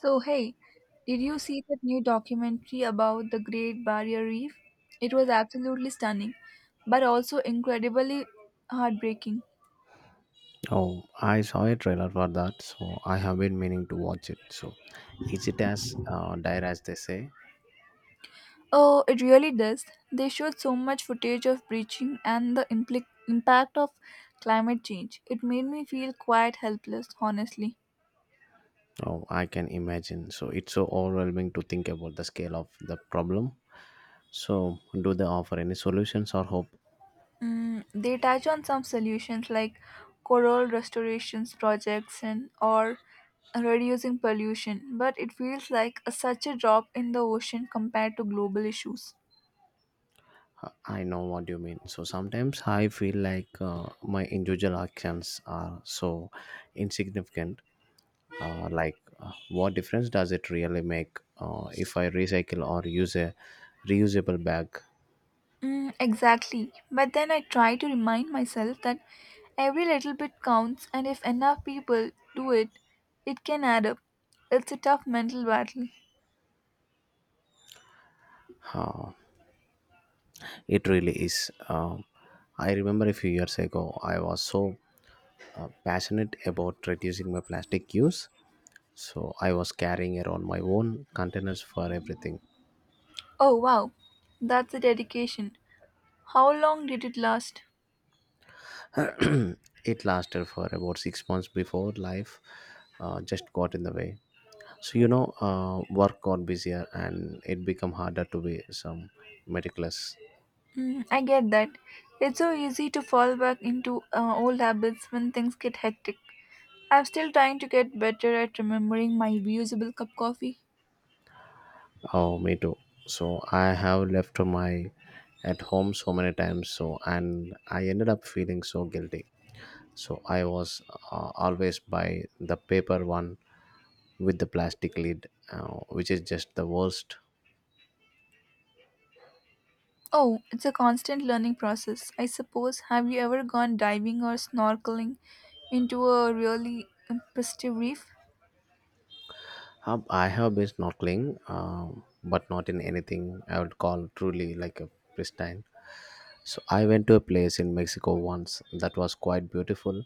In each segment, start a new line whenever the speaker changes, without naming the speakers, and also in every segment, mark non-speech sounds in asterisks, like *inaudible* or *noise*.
So, hey, did you see that new documentary about the Great Barrier Reef? It was absolutely stunning, but also incredibly heartbreaking.
Oh, I saw a trailer for that, so I have been meaning to watch it. So, is it as dire as they say?
Oh, it really does. They showed so much footage of breaching and the impact of climate change. It made me feel quite helpless, honestly.
Oh, I can imagine. So, it's so overwhelming to think about the scale of the problem. So, do they offer any solutions or hope?
Mm, they touch on some solutions like coral restorations projects and or reducing pollution, but it feels like a, such a drop in the ocean compared to global issues.
I know what you mean. So, sometimes I feel like my individual actions are so insignificant. What difference does it really make if I recycle or use a reusable bag?
Mm, exactly. But then I try to remind myself that every little bit counts, and if enough people do it, it can add up. It's a tough mental battle.
Uh, it really is. I remember a few years ago, I was so passionate about reducing my plastic use. So I was carrying around my own containers for everything.
Oh wow, that's a dedication. How long did it last?
*clears throat* It lasted for about 6 months before life just got in the way. So you know, work got busier and it became harder to be some meticulous.
Mm, I get that. It's so easy to fall back into old habits when things get hectic. I'm still trying to get better at remembering my reusable cup coffee.
Oh, me too. So I have left my at home so many times. So and I ended up feeling so guilty. So I was always by the paper one with the plastic lid, which is just the worst.
Oh, it's a constant learning process, I suppose. Have you ever gone diving or snorkeling into a really impressive reef?
I have been snorkeling, but not in anything I would call truly like a pristine. So I went to a place in Mexico once that was quite beautiful,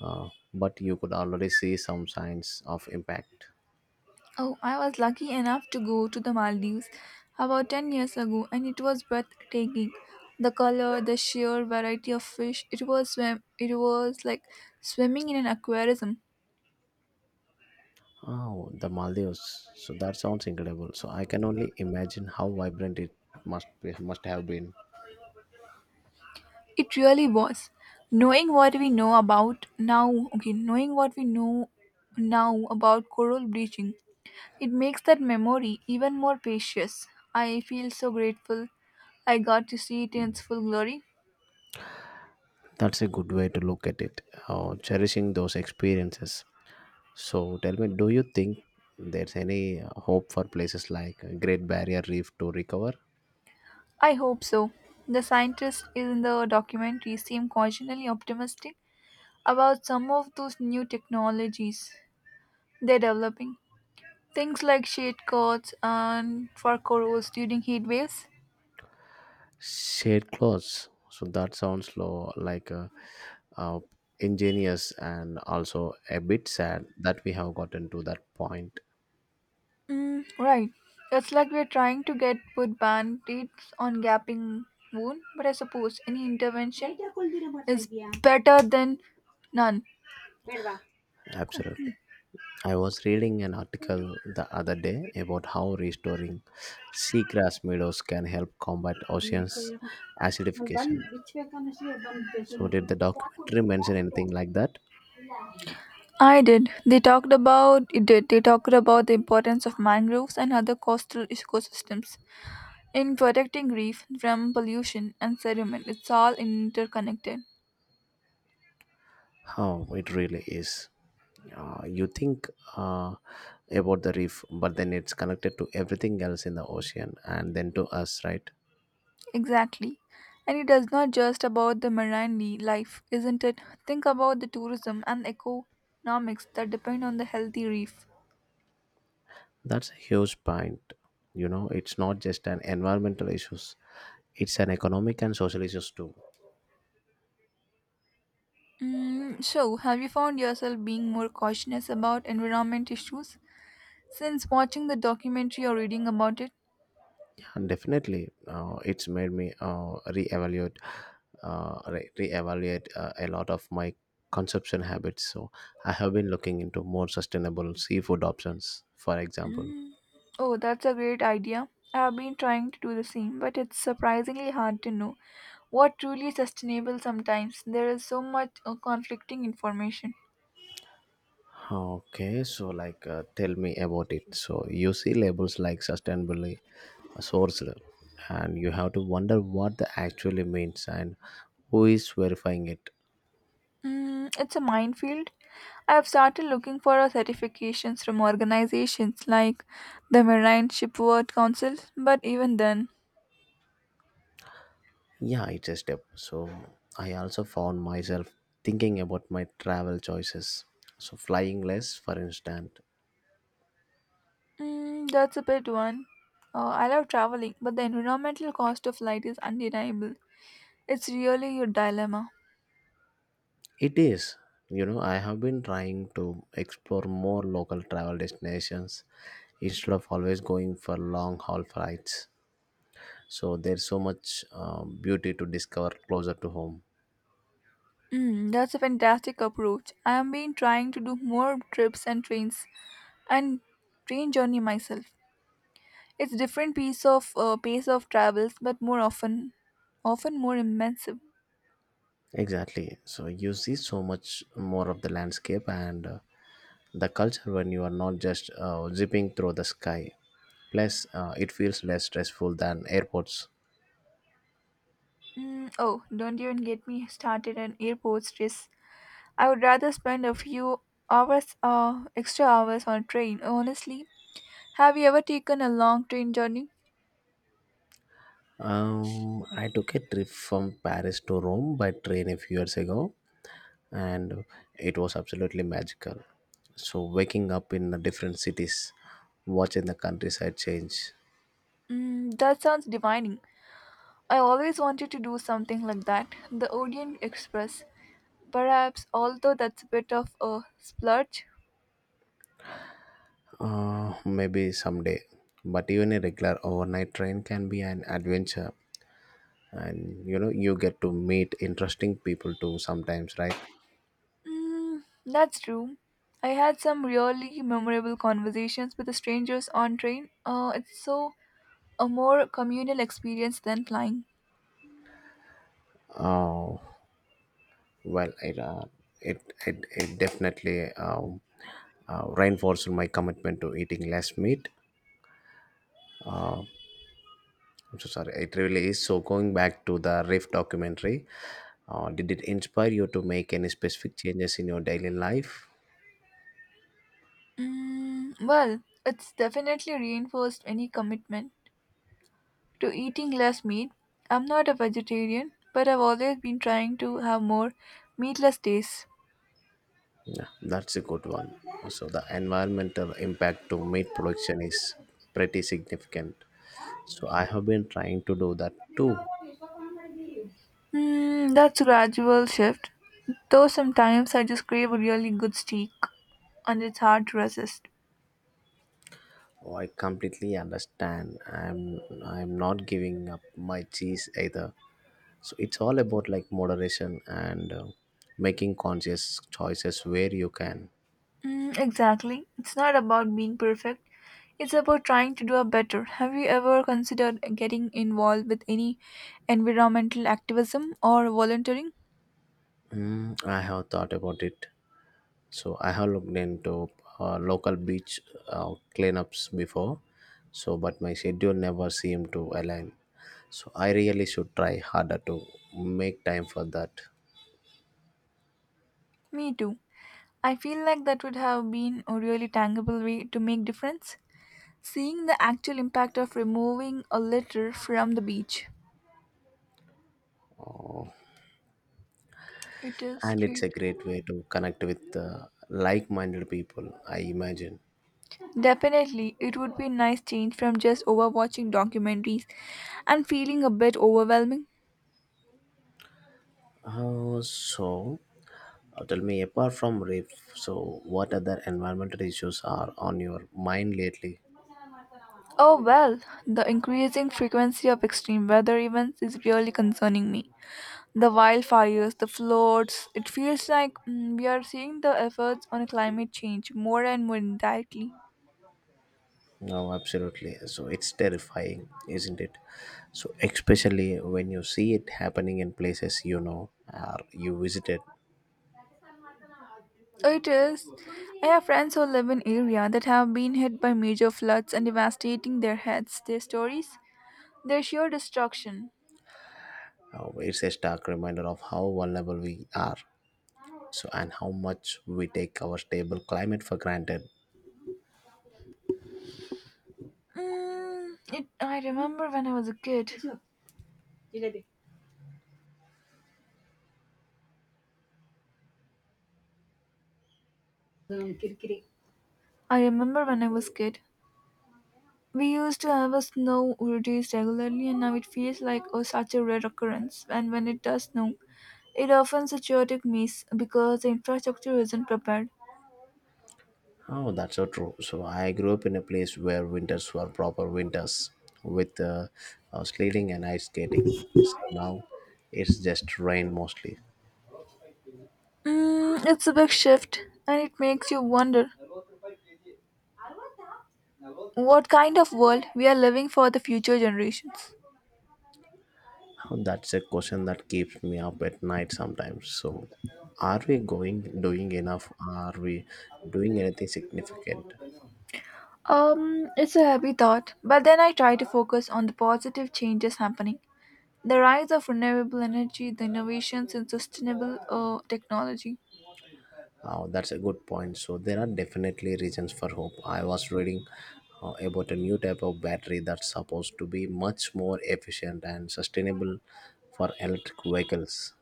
but you could already see some signs of impact.
Oh, I was lucky enough to go to the Maldives about 10 years ago and it was breathtaking. The color, the sheer variety of fish, it was swim it was like swimming in an aquarium.
Oh, the Maldives. So that sounds incredible. So I can only imagine how vibrant it must be, must have been.
It really was. Knowing what we know about now, okay, knowing what we know now about coral bleaching, it makes that memory even more precious. I feel so grateful I got to see it in its full glory.
That's a good way to look at it. Oh, cherishing those experiences. So tell me, do you think there's any hope for places like Great Barrier Reef to recover?
I hope so. The scientists in the documentary seem cautiously optimistic about some of those new technologies they're developing. Things like shade coats and for corals during heat waves.
Shade clothes. So that sounds low, like uh, ingenious and also a bit sad that we have gotten to that point.
Mm, right. It's like we're trying to get put band-aids on gaping wound, but I suppose any intervention is better than none. Cool. Hmm.
Absolutely. I was reading an article the other day about how restoring seagrass meadows can help combat oceans acidification. So, did the documentary mention anything like that?
I did. They talked about it did. They talked about the importance of mangroves and other coastal ecosystems in protecting reef from pollution and sediment. It's all interconnected.
Oh, it really is. You think uh, about the reef, but then it's connected to everything else in the ocean and then to us, right?
Exactly. And it is not just about the marine li- life, isn't it? Think about the tourism and economics that depend on the healthy reef.
That's a huge point. You know, it's not just an environmental issues; it's an economic and social issues too.
Mm, so, have you found yourself being more cautious about environment issues since watching the documentary or reading about it?
And definitely, it's made me reevaluate, reevaluate a lot of my consumption habits. So I have been looking into more sustainable seafood options, for example.
Mm. Oh, that's a great idea. I've been trying to do the same, but it's surprisingly hard to know what truly is sustainable sometimes. There is so much conflicting information.
Okay, so like, tell me about it. So you see labels like sustainably sourced, and you have to wonder what that actually means and who is verifying it.
Mm, it's a minefield. I've started looking for certifications from organizations like the Marine Shipboard Council, but even then,
Yeah, it's a step. So I also found myself thinking about my travel choices. So flying less, for instance,
mm, that's a bit one. I love traveling, but the environmental cost of flight is undeniable. It's really your dilemma.
it is. You know, I have been trying to explore more local travel destinations instead of always going for long haul flights. So there's so much beauty to discover closer to home.
Mm, that's a fantastic approach. I have been trying to do more trips and trains and train journey myself. It's different piece of pace of travels, but more often, often more immersive.
Exactly. So you see so much more of the landscape and the culture when you are not just zipping through the sky. Plus, it feels less stressful than airports.
Mm, oh, don't even get me started on airport stress. I would rather spend a few hours, extra hours on a train. Honestly, have you ever taken a long train journey?
I took a trip from Paris to Rome by train a few years ago, and it was absolutely magical. So waking up in the different cities, watching the countryside change.
Mm, that sounds divining. I always wanted to do something like that. The Orient Express. Perhaps, although that's a bit of a splurge.
Maybe someday. But even a regular overnight train can be an adventure and you know you get to meet interesting people too sometimes, right?
Mm, that's true. I had some really memorable conversations with the strangers on train. It's so a more communal experience than flying.
Oh, well it, it definitely reinforced my commitment to eating less meat. I'm so sorry, it really is. So going back to the riff documentary, did it inspire you to make any specific changes in your daily life?
Mm, well, it's definitely reinforced any commitment to eating less meat. I'm not a vegetarian, but I've always been trying to have more meatless days.
Yeah, that's a good one. So the environmental impact to meat production is pretty significant. So I have been trying to do that too.
Hmm, that's a gradual shift, though sometimes I just crave a really good steak and it's hard to resist.
Oh, I completely understand. I'm not giving up my cheese either. So it's all about like moderation and making conscious choices where you can.
Mm, exactly. It's not about being perfect, it's about trying to do a better. Have you ever considered getting involved with any environmental activism or volunteering?
Mm, I have thought about it. So I have looked into local beach cleanups before. So but my schedule never seemed to align. So I really should try harder to make time for that.
Me too. I feel like that would have been a really tangible way to make difference. Seeing the actual impact of removing a litter from the beach. It is
And it's
great.
a great way to connect with like-minded people, I imagine.
Definitely, it would be a nice change from just overwatching documentaries and feeling a bit overwhelming.
Uh, so, Tell me, apart from rape, so what other environmental issues are on your mind lately?
Oh well, the increasing frequency of extreme weather events is really concerning me. The wildfires, the floods, it feels like mm, we are seeing the efforts on climate change more and more indirectly.
No, absolutely. So it's terrifying, isn't it? So especially when you see it happening in places you know or you visited,
It is. I have friends who live in area that have been hit by major floods and devastating their heads, their stories, their sheer destruction.
it's a stark reminder of how vulnerable we are. So and how much we take our stable climate for granted.
I remember when I was a kid. I remember when I was kid. We used to have a snow days regularly, and now it feels like oh, such a rare occurrence. And when it does snow, it often a chaotic mess because the infrastructure isn't prepared.
Oh, that's so true. So I grew up in a place where winters were proper winters with sledding and ice skating. So now it's just rain mostly.
Mm, it's a big shift, and it makes you wonder. What kind of world we are living for the future generations.
Oh, that's a question that keeps me up at night sometimes. So are we going doing enough? Are we doing anything significant?
It's a heavy thought, but then I try to focus on the positive changes happening. The rise of renewable energy, the innovations in sustainable technology.
Oh, that's a good point. So there are definitely reasons for hope. I was reading about a new type of battery that's supposed to be much more efficient and sustainable for electric vehicles.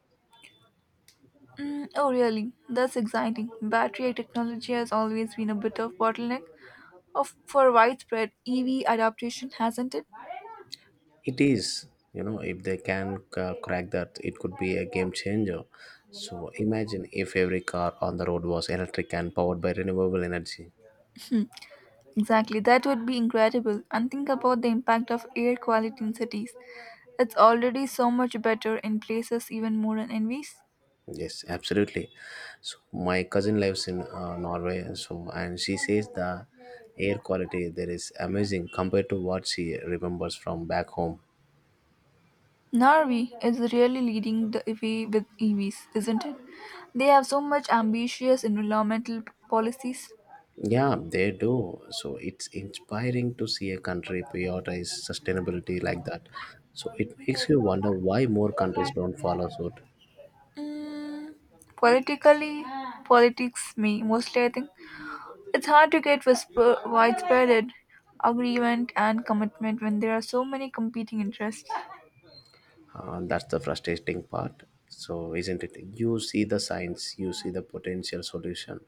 Mm, oh, really? That's exciting. Battery technology has always been a bit of bottleneck of for widespread EV adaptation, hasn't it?
It is, you know, if they can crack that, it could be a game changer. So imagine if every car on the road was electric and powered by renewable energy.
Hmm, exactly, that would be incredible. And think about the impact of air quality in cities. It's already so much better in places even more envious.
Yes, absolutely. So my cousin lives in Norway, so and she says the air quality there is amazing compared to what she remembers from back home.
Norway is really leading the way with EVs, isn't it? They have so much ambitious environmental policies.
Yeah, they do. So it's inspiring to see a country prioritize sustainability like that. So it makes you wonder why more countries don't follow suit.
Mm, politically, politics me mostly. I think it's hard to get widespread agreement and commitment when there are so many competing interests.
That's the frustrating part. So isn't it? You see the signs, you see the potential solution,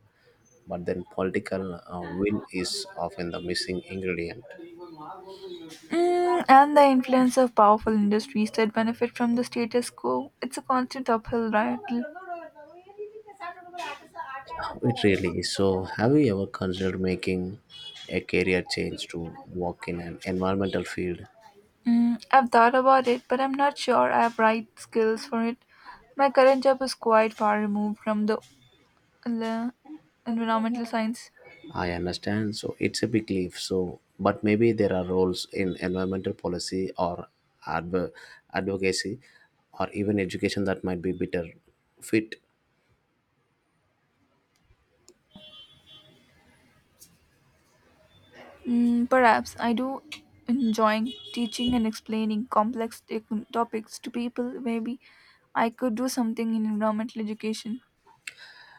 but then political will is often the missing ingredient.
Mm, and the influence of powerful industries that benefit from the status quo. It's a constant uphill battle.
It really is. So, have you ever considered making a career change to work in an environmental field?
Mm, I've thought about it, but I'm not sure I have right skills for it. My current job is quite far removed from the le- environmental science.
I understand. So, it's a big leap. So, but maybe there are roles in environmental policy or adv- advocacy or even education that might be better fit.
Mm, perhaps I do enjoying teaching and explaining complex topics to people. Maybe I could do something in environmental education.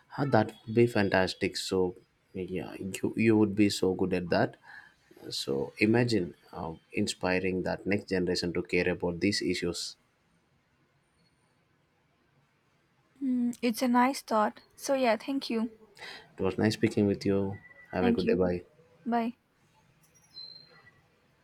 Huh, that would be fantastic. So, yeah, you would be so good at that. So, imagine inspiring that next generation to care about these issues.
Mm, it's a nice thought. So, yeah, thank you.
It was nice speaking with you. Have a
Thank
good day.
you.
Bye.
Bye.